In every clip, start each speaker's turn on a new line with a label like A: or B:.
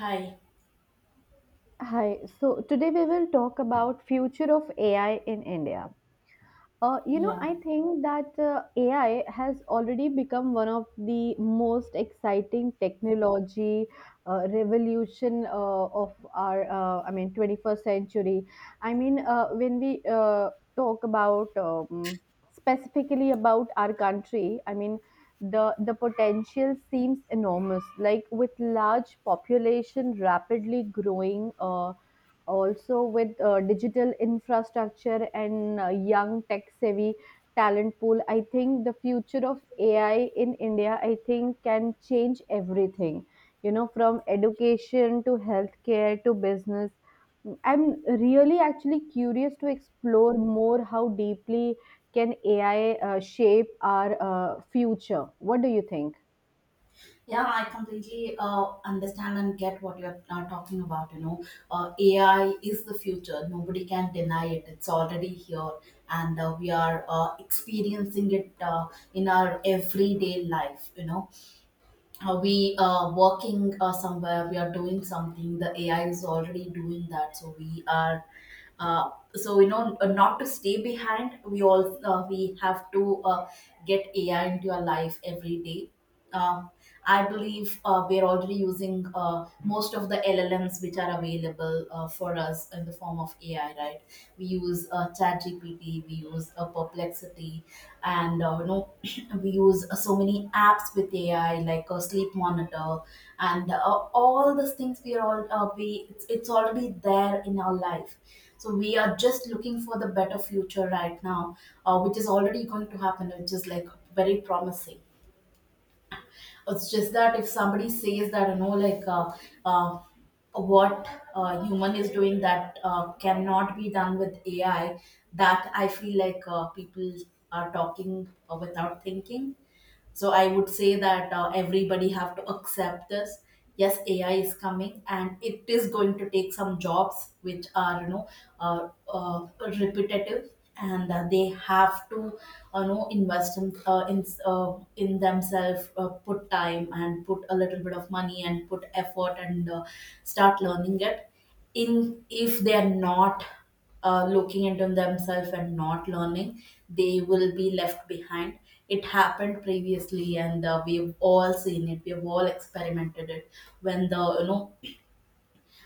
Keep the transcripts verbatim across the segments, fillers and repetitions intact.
A: Hi.
B: Hi. So today we will talk about future of A I in India. Uh, you know,
A: Yeah.
B: I think that uh, A I has already become one of the most exciting technology uh, revolution uh, of our, uh, I mean, twenty-first century. I mean, uh, when we uh, Talk about um, specifically about our country. I mean, the the potential seems enormous, like with large population rapidly growing. Uh, also with uh, digital infrastructure and uh, young tech savvy talent pool, I think the future of AI in India, I think, can change everything, you know, from education to healthcare to business. I'm really actually curious to explore more how deeply can AI uh, shape our uh, future. What do you think?
A: Yeah, I completely uh, understand and get what you're uh, talking about. You know, uh, A I is the future. Nobody can deny it. It's already here, and uh, we are uh, experiencing it uh, in our everyday life. You know, uh, we are working uh, somewhere, we are doing something, the ai is already doing that, so we are uh, so you know uh, not to stay behind, we all uh, we have to uh, get ai into your life every day. um, I believe uh, we're already using uh, most of the llms which are available uh, for us in the form of ai, right? We use uh, ChatGPT, we use uh, perplexity, and uh, you know we use uh, so many apps with ai like a sleep monitor and uh, all these things. We are all uh, we it's, it's already there in our life, so we are just looking for the better future right now, uh, which is already going to happen, which is like very promising. It's just that if somebody says that, you know, like, uh, uh, what uh, human is doing that uh, cannot be done with A I, that I feel like uh, people are talking uh, without thinking. So I would say that uh, everybody have to accept this. Yes, ai is coming and it is going to take some jobs which are, you know, uh, uh, repetitive, and uh, they have to uh, you know, invest in uh, in uh, in themselves, uh, put time and put a little bit of money and put effort, and uh, start learning it. In If they are not uh, looking into themselves and not learning, they will be left behind. It happened previously, and uh, we've all seen it. We've all experimented it when the you know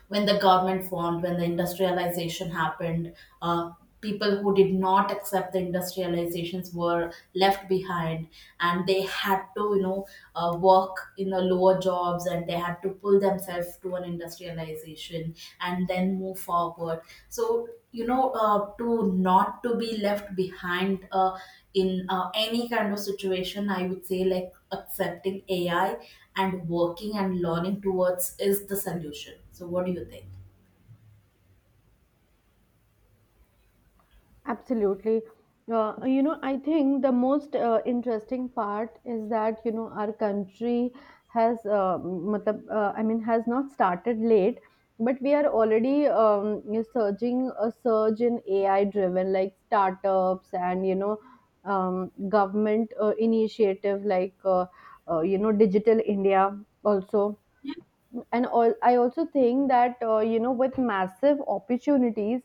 A: when the government formed, when the industrialization happened. Uh, People who did not accept the industrializations were left behind, and they had to, you know, uh, work in the lower jobs, and they had to pull themselves to an industrialization and then move forward. So, you know, uh, to not to be left behind uh, in uh, any kind of situation, I would say like accepting ai and working and learning towards is the solution. So what do you think?
B: Absolutely. Uh, you know, I think the most uh, interesting part is that, you know, our country has, uh, matlab, uh, I mean, has not started late, but we are already um, surging a surge in A I-driven like startups, and, you know, um, government uh, initiative like uh, uh, you know, Digital India also. And all, I also think that, uh, you know, with massive opportunities,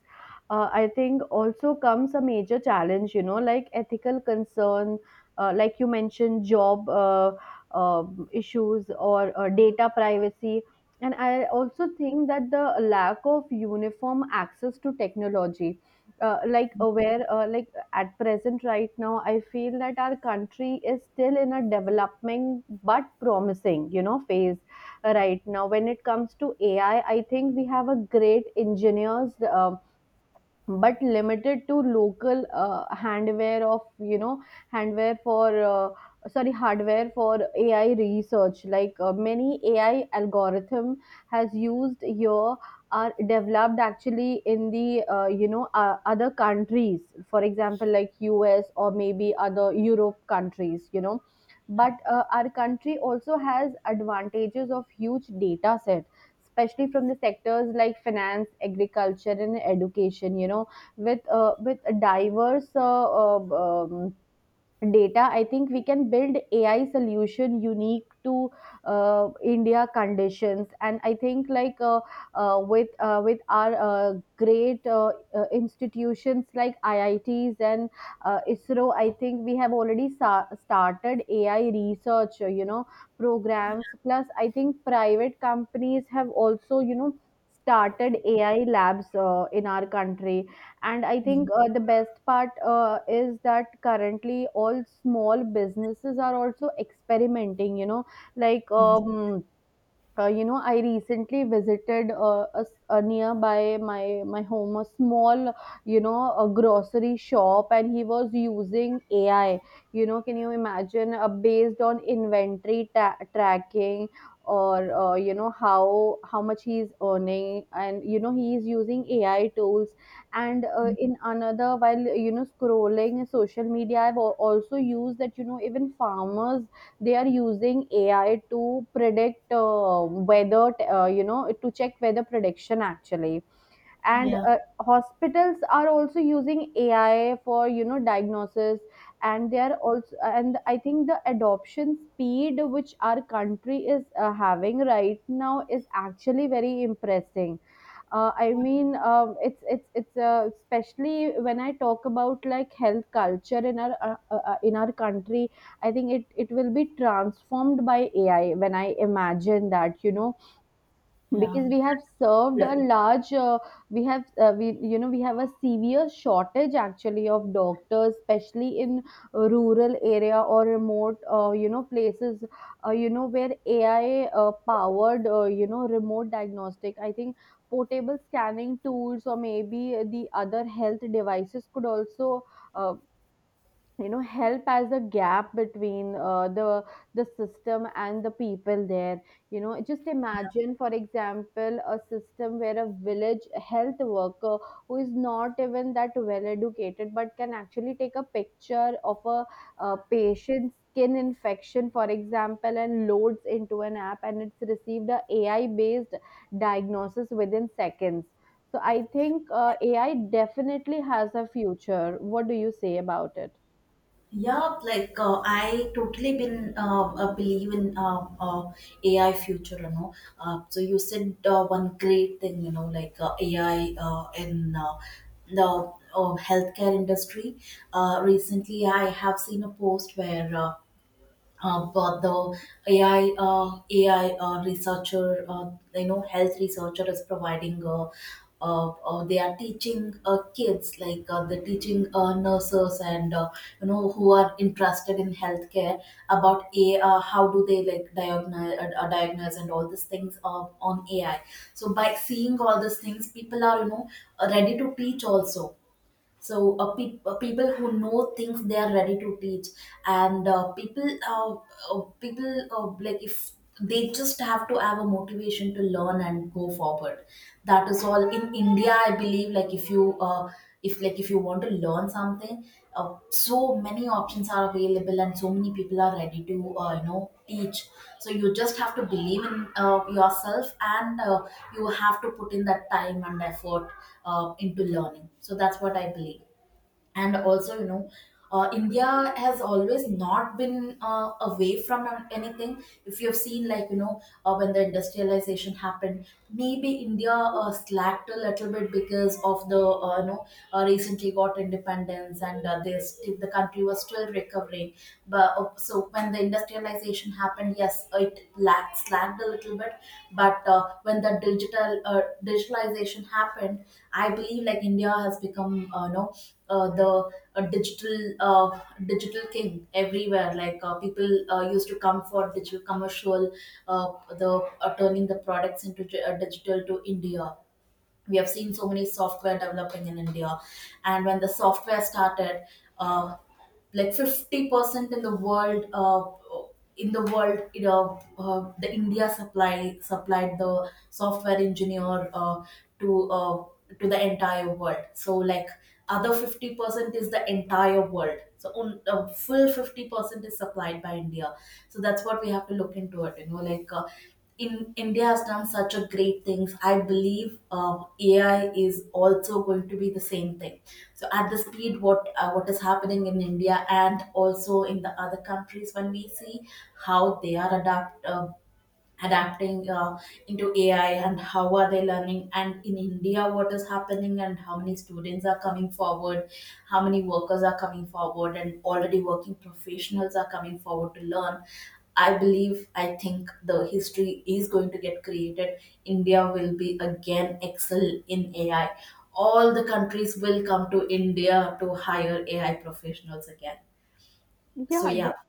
B: uh, I think, also comes a major challenge. You know, like ethical concern, uh, like you mentioned, job uh, uh, issues or uh, data privacy, and I also think that the lack of uniform access to technology. Uh, like uh, where uh, like at present right now, I feel that our country is still in a developing but promising, you know, phase right now when it comes to AI. I I think we have a great engineers, um, but limited to local uh, handware of, you know, handware for uh, sorry, hardware for AI research. Like uh, many AI algorithm has used here are developed actually in the, uh, you know uh, other countries, for example, like U S or maybe other Europe countries, you know. But uh, our country also has advantages of huge data sets, especially from the sectors like finance, agriculture, and education. You know, with uh, with a diverse uh, uh, um, data, I think we can build AI solution unique to uh, India conditions. And I think, like uh, uh, with uh, with our uh, great uh, uh, institutions like I I Ts and uh, ISRO, I think we have already sa- started AI research, uh, you know programs. Plus, I think private companies have also, you know, started AI labs uh, in our country. And I
A: Yeah.
B: think uh, the best part uh, is that currently all small businesses are also experimenting, you know, like, um, uh, you know I recently visited uh, a, s- a nearby my my home a small, you know, a grocery shop, and he was using AI. You know, can you imagine, uh, based on inventory ta- tracking, or, uh, you know, how how much he's earning? And, you know, he's using AI tools. And uh, in another while, you know, scrolling social media, i've al- also used that, you know, even farmers, they are using AI to predict uh, whether uh, you know, to check weather prediction, actually. And uh, hospitals are also using AI for, you know, diagnosis. And they are also, and I think the adoption speed which our country is uh, having right now is actually very impressive. Uh, I mean um, it's it's it's uh, Especially when I talk about like health culture in our uh, uh, uh, in our country, I think it it will be transformed by AI when I imagine that, you know,
A: Yeah.
B: because we have served
A: Yeah.
B: a large, uh, we have uh, we you know we have a severe shortage actually of doctors, especially in rural area or remote, uh, you know places, uh, you know where AI uh, powered, uh, you know, remote diagnostic, I think, portable scanning tools or maybe the other health devices could also uh, you know help as a gap between uh, the the system and the people there. You know, just imagine, for example, a system where a village health worker who is not even that well educated but can actually take a picture of a uh patient's skin infection, for example, and loads into an app, and it's received a AI based diagnosis within seconds. So I think, uh, AI definitely has a future. What do you say about it?
A: Yeah, like uh, I totally been uh, uh, believe in uh, uh, A I future, you know. Uh, so you said uh, one great thing, you know, like uh, A I uh, in uh, the uh, healthcare industry. Uh, recently, I have seen a post where uh, uh, but the A I uh, A I uh, researcher, uh, you know, health researcher is providing. Uh, uh, uh, they are teaching uh, kids, like uh, they're teaching uh, nurses and uh, you know, who are interested in healthcare, about a uh, how do they like diagnose uh, uh, diagnose and all these things uh, on A I. So by seeing all these things, people are, you know, ready to teach also. So uh, pe uh, people who know things, they are ready to teach, and uh, people uh, uh, people, uh, like, if they just have to have a motivation to learn and go forward, that is all in india. I believe like if you uh, if like if you want to learn something, uh, so many options are available and so many people are ready to uh, you know, teach. So you just have to believe in uh, yourself, and uh, you have to put in that time and effort uh, into learning. So that's what I believe. And also, you know, uh, india has always not been uh, away from anything. If you've seen like, you know, uh, when the industrialization happened, maybe india uh, slacked a little bit because of the, uh, you know, uh, recently got independence and uh, this, the country was still recovering. But uh, so when the industrialization happened, yes, it lacked slacked a little bit. But uh, when the digital uh, digitalization happened, I believe like india has become, uh, you know, uh, the uh, digital uh, digital king everywhere. Like uh, people uh, used to come for digital commercial, uh, the uh, turning the products into di- uh, digital to India. We have seen so many software developing in India, and when the software started, uh, like fifty percent in the world, uh, in the world, you know, uh, the India supply supplied the software engineer uh, to uh, to the entire world. So like other fifty percent is the entire world. So on, uh, full fifty percent is supplied by India. So that's what we have to look into it, you know. Like, Uh, in India has done such a great things. I believe um, A I is also going to be the same thing. So at the speed what uh, what is happening in India and also in the other countries, when we see how they are adapt uh, adapting uh, into A I and how are they learning, and in India what is happening and how many students are coming forward, how many workers are coming forward and already working professionals are coming forward to learn. I believe, I think the history is going to get created. India will be again excel in A I. All the countries will come to India to hire A I professionals again. So
B: Yeah,
A: yeah,
B: de-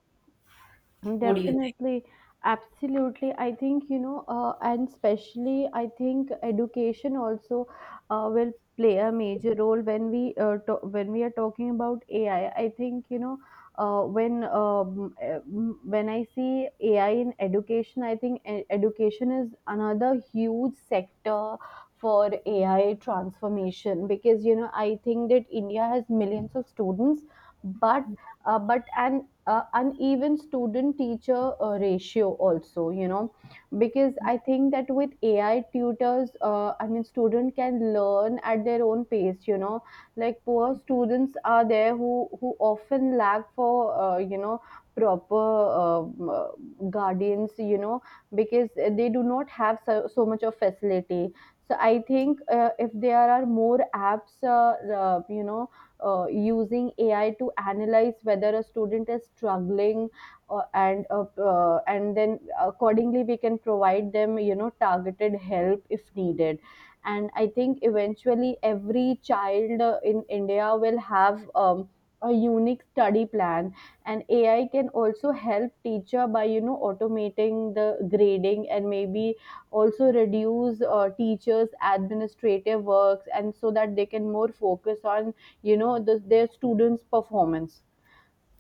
A: what do you think?
B: Definitely. Absolutely. I think, you know, uh, and especially, I think education also uh, will play a major role when we uh, to- when we are talking about A I. I I think, you know, uh, when um, uh, m- when I see A I in education, I think e- education is another huge sector for A I transformation. Because, you know, I think that India has millions of students, but uh, but an uh, uneven student teacher uh, ratio also, you know, because I think that with AI tutors, uh, I mean, student can learn at their own pace, you know. Like poor students are there who who often lack for uh, you know proper, um, uh, guardians, you know, because they do not have so, so much of facility. So I think, uh, if there are more apps, uh, uh, you know uh, using A I to analyze whether a student is struggling, uh, and uh, uh, and then accordingly we can provide them, you know, targeted help if needed. And I think eventually every child uh, in India will have, Um, a unique study plan. And AI can also help teacher by, you know, automating the grading, and maybe also reduce uh, teachers administrative works, and so that they can more focus on, you know, the, their students' performance.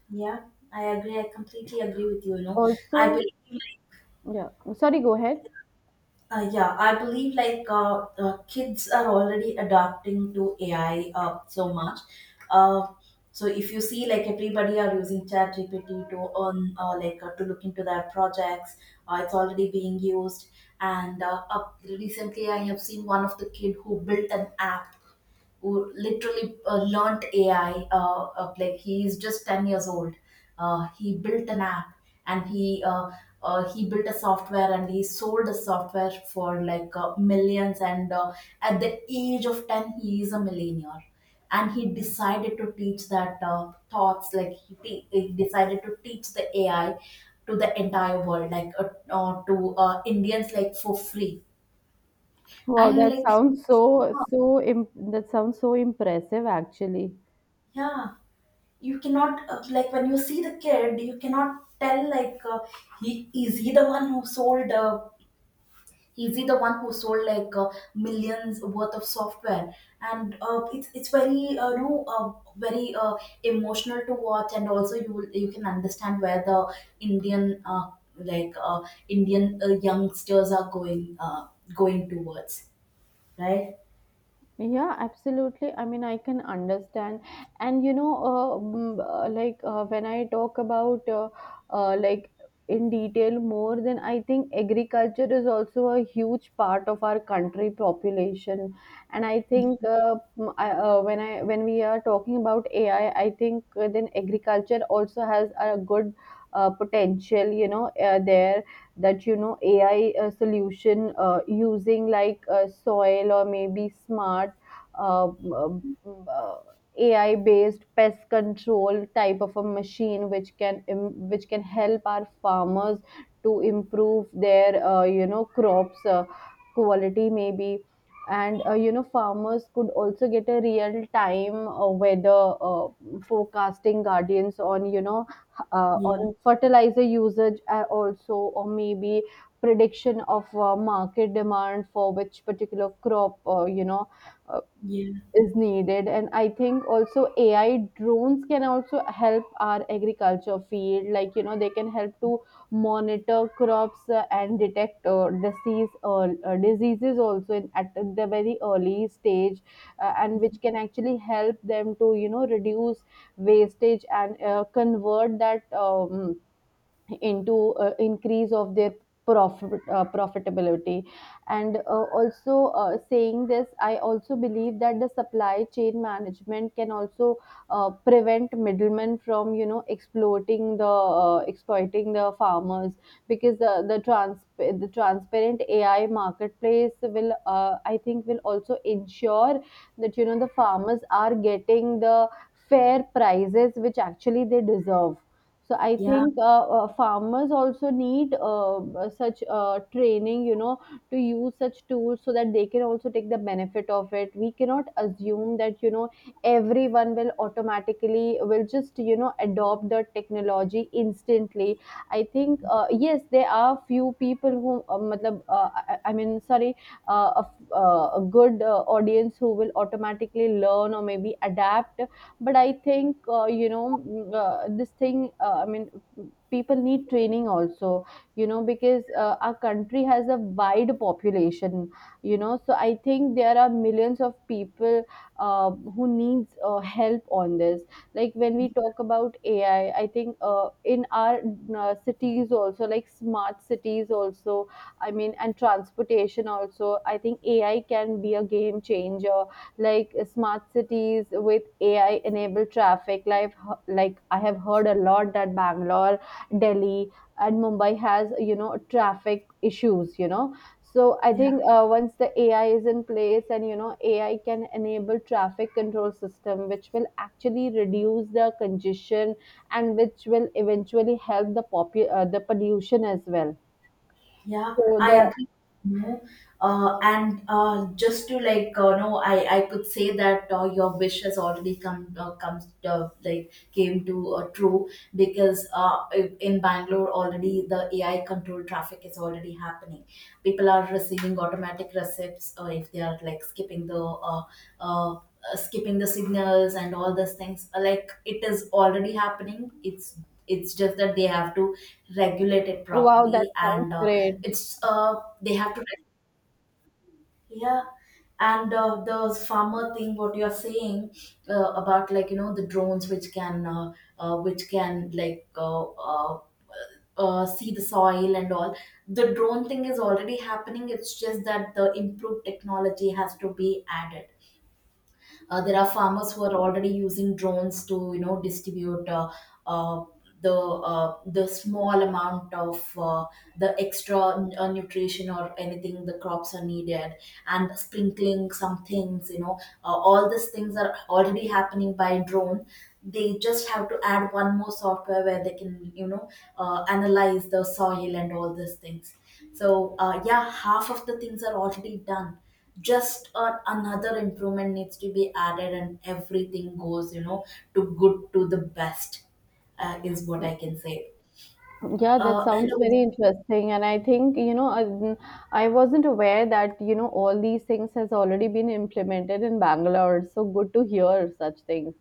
A: Yeah, I agree. I completely agree with you. You know, I
B: Also,
A: believe, like,
B: yeah, sorry, go ahead.
A: uh, yeah, I believe like uh, uh, kids are already adapting to A I uh, so much. Uh, so if you see, like everybody are using ChatGPT to earn, uh, like uh, to look into their projects, uh, it's already being used. And uh, up recently, I have seen one of the kid who built an app, who literally uh, learnt A I. Uh, uh, like he is just ten years old. Uh, he built an app, and he uh, uh, he built a software, and he sold a software for like uh, millions. And uh, at the age of ten, he is a millionaire. And he decided to teach that uh, thoughts, like he, te- he decided to teach the A I to the entire world, like uh, uh, to uh, Indians, like for free.
B: Wow,
A: And you're
B: that
A: like,
B: sounds so so imp- that sounds so impressive, actually.
A: yeah, you cannot uh, like when you see the kid, you cannot tell like uh, he is he the one who sold uh, is he the one who sold like uh, millions worth of software? And uh, it's it's very uh, you know uh, very uh, emotional to watch. And also you will, you can understand where the indian uh, like uh, indian uh, youngsters are going uh, going towards, right?
B: Yeah, absolutely. I mean, I can understand. And you know, uh, mm, uh, like uh, when I talk about uh, uh, like in detail more, then I think agriculture is also a huge part of our country population. And I think uh, mm, I, uh, when I when we are talking about A I, I I think uh, then agriculture also has a good uh, potential. You know, uh, there that, you know, A I uh, solution uh, using like uh, soil or maybe smart uh, um, uh, A I based pest control type of a machine which can im- which can help our farmers to improve their uh, you know, crops uh, quality maybe. And uh, you know, farmers could also get a real time uh, weather uh, forecasting guardians on, you know, uh,
A: Yeah,
B: on fertilizer usage uh, also, or maybe prediction of uh, market demand for which particular crop, uh, you know,
A: yeah,
B: is needed. And I think also AI drones can also help our agriculture field. Like, you know, they can help to monitor crops, uh, and detect uh, disease uh, uh, diseases also in, at the very early stage, uh, and which can actually help them to, you know, reduce wastage, and uh, convert that, um, into uh, increase of their profit uh, profitability. And uh, also, uh, saying this, I also believe that the supply chain management can also uh, prevent middlemen from, you know, exploiting the uh, exploiting the farmers, because the the, trans- the transparent AI marketplace will, uh, I think, will also ensure that, you know, the farmers are getting the fair prices which actually they deserve. So I
A: yeah,
B: think, uh, uh, farmers also need, uh, uh, such uh, training, you know, to use such tools, so that they can also take the benefit of it. We cannot assume that, you know, everyone will automatically will just, you know, adopt the technology instantly. I think, uh, yes, there are few people who uh, matlab, uh, I, I mean sorry uh, a, f- uh, a good uh, audience who will automatically learn or maybe adapt. But I think, uh, you know mm, uh, this thing, uh, i mean people need training also, you know, because uh, our country has a wide population, you know. So I think there are millions of people uh, who needs uh, help on this. Like when we talk about AI, I think, uh, in our uh, cities also, like smart cities also, I mean, and transportation also, I think AI can be a game changer, like uh, smart cities with A I enabled traffic. Like, like I have heard a lot that Bangalore, Delhi, and Mumbai has, you know, traffic issues. You know, so I
A: yeah.
B: think, uh, once the A I is in place, and, you know, A I can enable traffic control system, which will actually reduce the congestion, and which will eventually help the popu- uh, the pollution as well.
A: Yeah,
B: So
A: I
B: the
A: agree. No, uh, and uh, just to like, uh, no, I I could say that uh, your wish has already come uh, comes uh, like came to uh, true, because uh, i- in Bangalore already the A I controlled traffic is already happening. People are receiving automatic receipts uh, if they are like skipping the uh, uh, uh, skipping the signals and all those things. Uh, Like it is already happening. It's it's just that they have to regulate it
B: Wow, that
A: properly.
B: sounds
A: And uh,
B: great.
A: it's uh they have to yeah, and uh, the farmer thing what you are saying uh, about, like, you know, the drones which can uh, uh, which can like uh, uh, uh, see the soil and all. The drone thing is already happening. It's just that the improved technology has to be added. Uh, there are farmers who are already using drones to, you know, distribute uh, uh, the uh, the small amount of uh, the extra uh, nutrition or anything the crops are needed, and sprinkling some things, you know. Uh, all these things are already happening by drone. They just have to add one more software where they can, you know, uh, analyze the soil and all these things. So uh, yeah, half of the things are already done. Just uh, another improvement needs to be added, and everything goes, you know, to good to the best, uh, is what
B: Yeah.
A: I can say.
B: Yeah, that
A: uh, and
B: sounds very
A: also,
B: interesting. And I think, you know, I, I wasn't aware that, you know, all these things has already been implemented in Bangalore. So good to hear such things.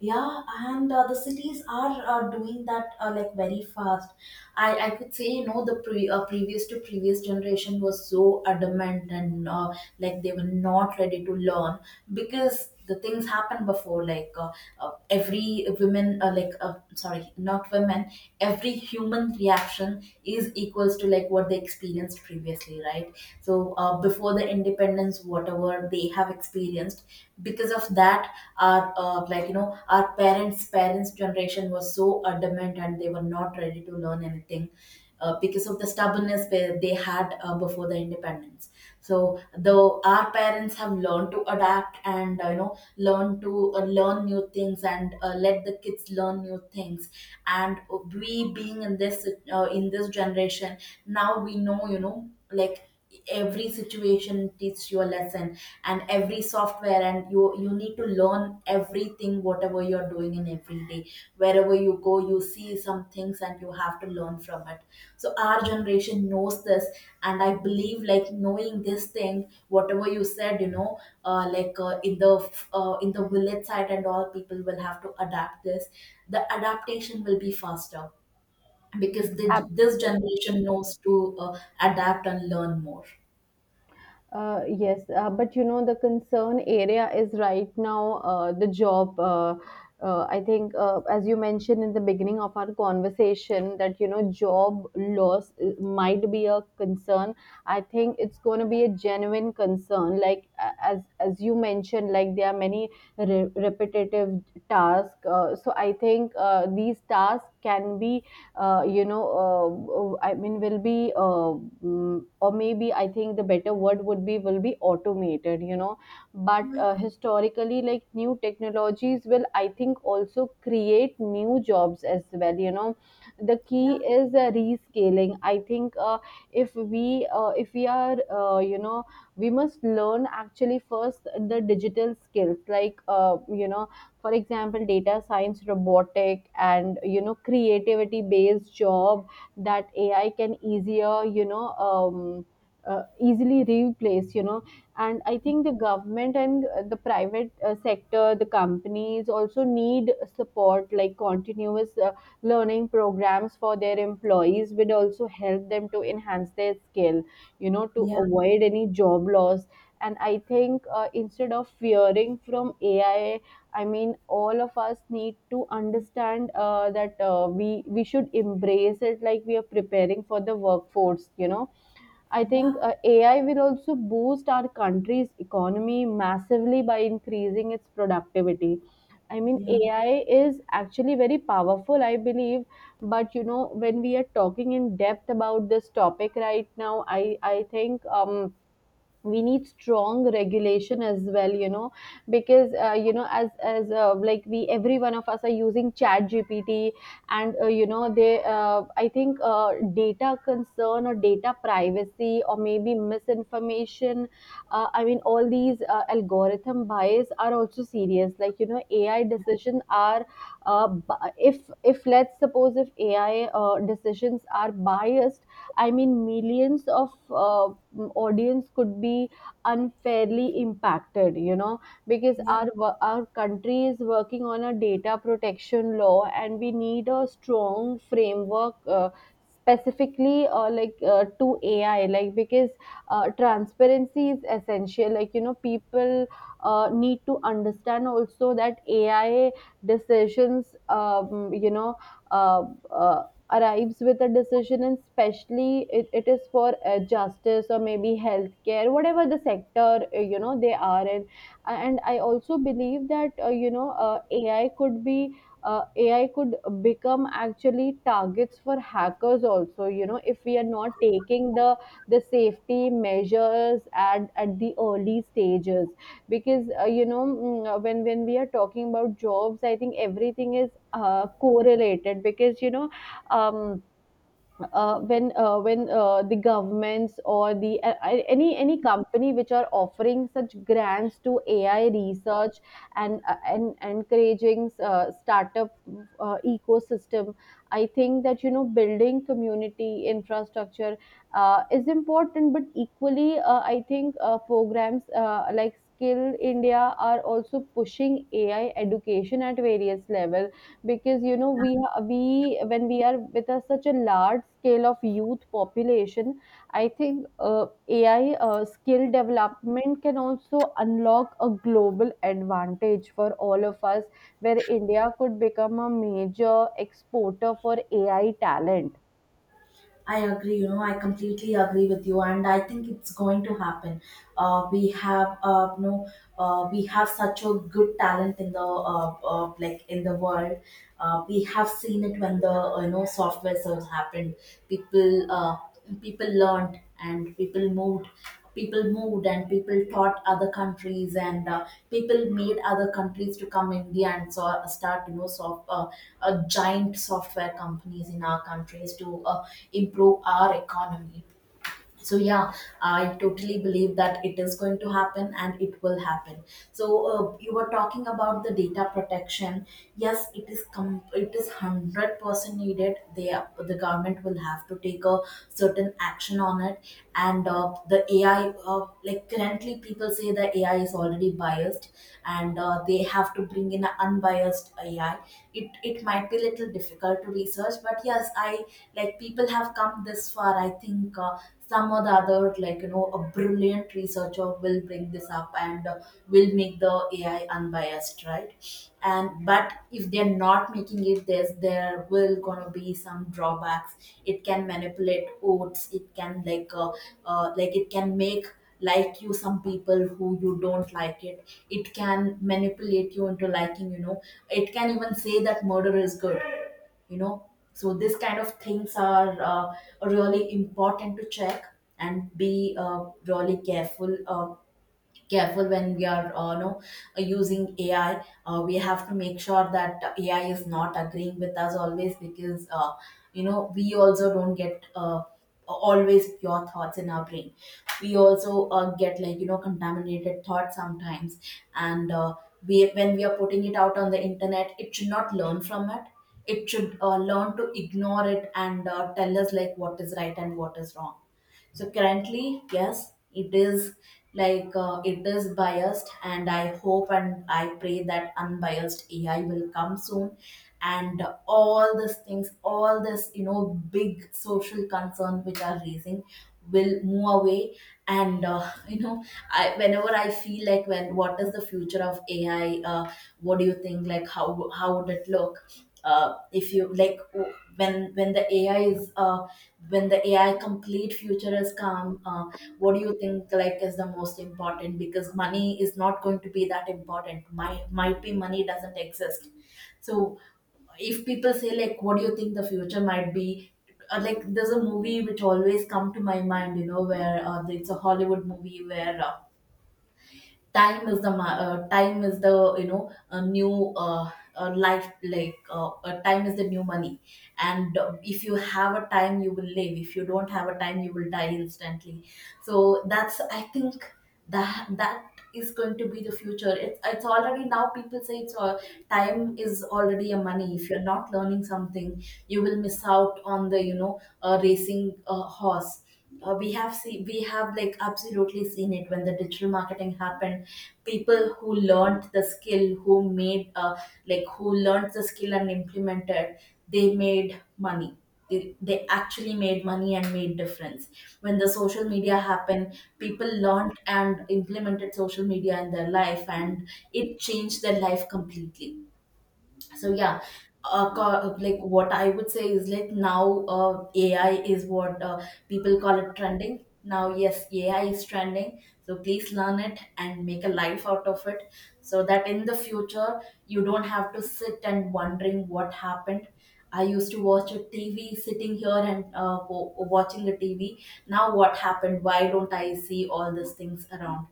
A: Yeah, and uh, the cities are uh, doing that uh, like very fast. I, I could say, you know, the pre uh, previous to previous generation was so adamant, and uh, like they were not ready to learn because the things happened before. Like uh, uh, every women, uh, like uh, sorry, not women, every human reaction is equals to like what they experienced previously, right? So uh, before the independence, whatever they they have experienced, because of that our uh, like you know our parents parents generation was so adamant and they were not ready to learn anything uh, because of the stubbornness they they had uh, before the independence. So though our parents have learned to adapt and uh, you know learn to uh, learn new things and uh, let the kids learn new things. And we being in this uh, in this generation, now we know, you know, like every situation teaches you a lesson. And every software, and you you need to learn everything whatever you're doing in every day. Wherever you go you see some things and you have to learn from it. So our generation knows this. And I believe, like, knowing this thing whatever you said, you know, uh, like uh, in the uh, in the village side, and all people will have to adapt this. The adaptation will be faster because this this generation knows to uh, adapt and learn more.
B: Uh, yes, uh, but you know the concern area is right now uh, the job. Uh, uh, I think, uh, as you mentioned in the beginning of our conversation, that you know job loss uh, might be a concern. I think it's going to be a genuine concern. Like a- as as you mentioned, like there are many re- repetitive tasks. Uh, so I think uh, these tasks can be uh, you know uh, i mean will be uh, mm, or maybe I think the better word would be will be automated. You know, but
A: Yeah,
B: uh, historically, like new technologies will, I think, also create new jobs as well. You know, the key
A: yeah,
B: is uh, rescaling, I think. Uh, if we uh, if we are uh, you know, we must learn actually first the digital skills, like uh, you know, for example, data science, robotic, and you know creativity based job that AI can easier, you know, um, uh, easily replace, you know. And I think the government and uh, the private uh, sector, the companies, also need support, like continuous uh, learning programs for their employees would also help them to enhance their skill, you know, to
A: yeah,
B: avoid any job loss. And I think uh, instead of fearing from AI, I mean, all of us need to understand uh, that uh, we we should embrace it, like we are preparing for the workforce. You know, I think
A: yeah,
B: uh, A I will also boost our country's economy massively by increasing its productivity. I mean,
A: yeah,
B: A I is actually very powerful, I believe. But you know, when we are talking in depth about this topic right now, I I think um we need strong regulation as well, you know, because uh, you know as as uh, like we, every one of us, are using chat G P T and uh, you know they uh, I think uh, data concern or data privacy or maybe misinformation, uh, i mean all these uh, algorithm bias are also serious. Like you know, AI decisions are uh, bi- if if let's suppose if AI uh, decisions are biased, I mean, millions of uh, audience could be unfairly impacted, you know, because
A: yeah.
B: our wo- our country is working on a data protection law, and we need a strong framework. Uh, specifically uh, like uh, to AI, like because uh, transparency is essential. Like you know, people uh, need to understand also that AI decisions um, you know uh, uh, arrives with a decision, and especially it, it is for uh, justice or maybe healthcare, whatever the sector uh, you know they are in. And I also believe that uh, you know uh, ai could be uh, AI could become actually targets for hackers also, you know, if we are not taking the the safety measures at at the early stages. Because uh, you know mm, uh, when when we are talking about jobs, I think everything is uh, correlated, because you know, um, uh, when uh, when uh, the governments or the uh, any any company which are offering such grants to A I research, and uh, and encouraging uh, startup uh, ecosystem, I think that you know building community infrastructure uh, is important, but equally uh, I think uh, programs uh, like Skill India are also pushing A I education at various levels. Because you know, we we when we are with a, such a large scale of youth population, I think uh, AI uh, skill development can also unlock a global advantage for all of us, where India could become a major exporter for AI talent.
A: I agree, you know, I completely agree with you, and I think it's going to happen. Uh, we have, uh, you know, uh, we have such a good talent in the, uh, uh, like, in the world. Uh, we have seen it when the, uh, you know, software surge happened. People, uh, people learned and people moved. People moved and people taught other countries, and uh, people made other countries to come India. And so uh, start, you know, soft, uh, uh, giant software companies in our countries to uh, improve our economy. So yeah, I totally believe that it is going to happen, and it will happen. So uh, you were talking about the data protection. Yes, it is com- it is hundred percent needed. They are- the government will have to take a certain action on it. And uh, the AI, uh, like, currently people say the AI is already biased, and uh, they have to bring in an unbiased AI. it it might be little difficult to research, but yes, I like, people have come this far. I think uh, some or the other, like you know, a brilliant researcher will bring this up and uh, will make the AI unbiased, right? And but if they're not making it this, there will gonna be some drawbacks. It can manipulate votes. It can like uh, uh, like it can make, like you some people who you don't like it it can manipulate you into liking, you know. It can even say that murder is good, you know. So this kind of things are uh, really important to check, and be uh, really careful, uh, careful when we are uh, you know using A I. Uh, we have to make sure that A I is not agreeing with us always, because uh, you know, we also don't get uh, always pure thoughts in our brain. We also uh, get, like you know, contaminated thoughts sometimes, and uh, we when we are putting it out on the internet, it should not learn from it. It should uh, learn to ignore it, and uh, tell us like what is right and what is wrong. So currently, yes, it is like uh, it is biased, and I hope and I pray that unbiased A I will come soon. And all these things, all this, you know, big social concern which are raising, will move away. And, uh, you know, I, whenever I feel like, when, what is the future of A I, uh, what do you think? Like, how how would it look? Uh, if you like, w- when when the ai is uh, when the AI complete future has come, uh, what do you think, like, is the most important? Because money is not going to be that important, my might be money doesn't exist. So if people say, like, what do you think the future might be? Uh, like, there's a movie which always come to my mind, you know, where uh, it's a Hollywood movie where, uh, time is the ma- uh, time is the, you know, a new uh, uh, life, like uh, uh, time is the new money. And uh, if you have a time you will live, if you don't have a time you will die instantly. So that's, I think, that that is going to be the future. It's, it's already. Now people say it's uh, time is already a money. If you're not learning something, you will miss out on the, you know, uh, racing uh, horse. Uh, we have seen, we have like absolutely seen it when the digital marketing happened. People who learned the skill, who made uh, like, who learned the skill and implemented, they made money. They, they actually made money and made difference. When the social media happened, people learned and implemented social media in their life, and it changed their life completely. So yeah, uh, co- like, what I would say is, like, now uh, AI is what uh, people call it, trending. Now yes, AI is trending, so please learn it and make a life out of it, so that in the future you don't have to sit and wondering what happened. I used to watch a TV sitting here and uh, w- watching the TV. Now what happened? Why don't I see all these things around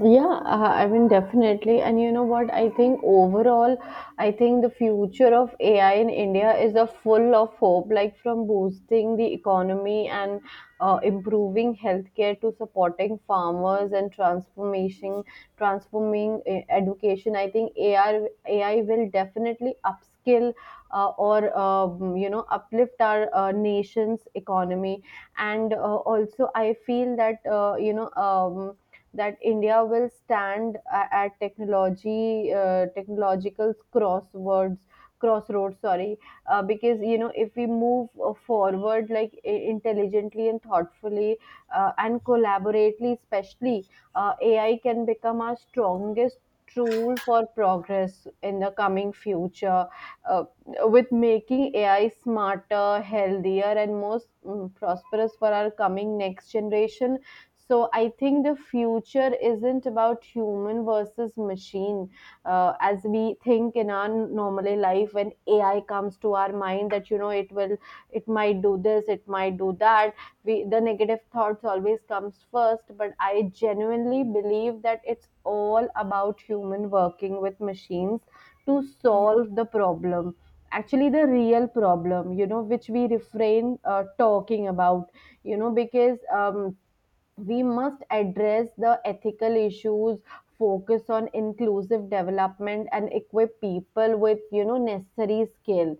B: Yeah, uh, I mean, definitely. And you know what? I think overall, I think the future of A I in India is a full of hope, like from boosting the economy and uh, improving healthcare to supporting farmers and transformation, transforming uh, education. I think AI, A I will definitely upskill uh, or, um, you know, uplift our uh, nation's economy. And uh, also, I feel that, uh, you know, um, that India will stand a- at technology uh, technological crosswords crossroads, sorry, uh, because you know if we move uh, forward like i- intelligently and thoughtfully uh, and collaboratively, especially uh, A I can become our strongest tool for progress in the coming future, uh, with making A I smarter, healthier, and most mm, prosperous for our coming next generation. So I think the future isn't about human versus machine, uh, as we think in our normal life when A I comes to our mind that you know it will, it might do this, it might do that. We the negative thoughts always comes first, but I genuinely believe that it's all about human working with machines to
A: me?
B: solve the problem, actually the real problem, you know, which we refrain uh, talking about. You know, because um, we must address the ethical issues, focus on inclusive development, and equip people with you know necessary skill.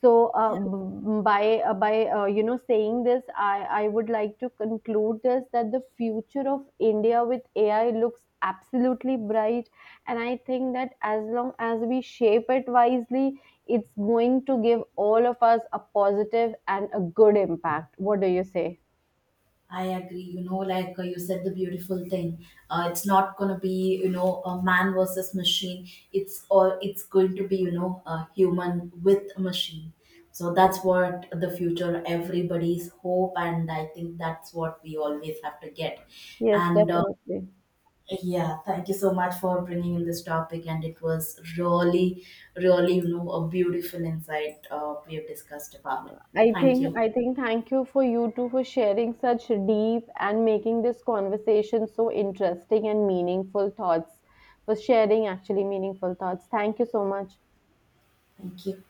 B: So uh, b- by uh, by uh, you know, saying this, i i would like to conclude this, that the future of India with AI looks absolutely bright. And I think that as long as we shape it wisely, it's going to give all of us a positive and a good impact. What do you say?
A: I agree. You know, like, uh, you said the beautiful thing. Uh, it's not going to be, you know, a man versus machine. It's or it's going to be, you know, a human with a machine. So that's what the future everybody's hope, and I think that's what we always have to get.
B: Yes,
A: And uh,
B: definitely.
A: yeah, thank you so much for bringing in this topic, and it was really, really, you know, a beautiful insight uh, we have discussed about.
B: I
A: Thank
B: think
A: you.
B: I think thank you for you two for sharing such deep and making this conversation so interesting and meaningful thoughts. For sharing actually meaningful thoughts. Thank you so much.
A: Thank you.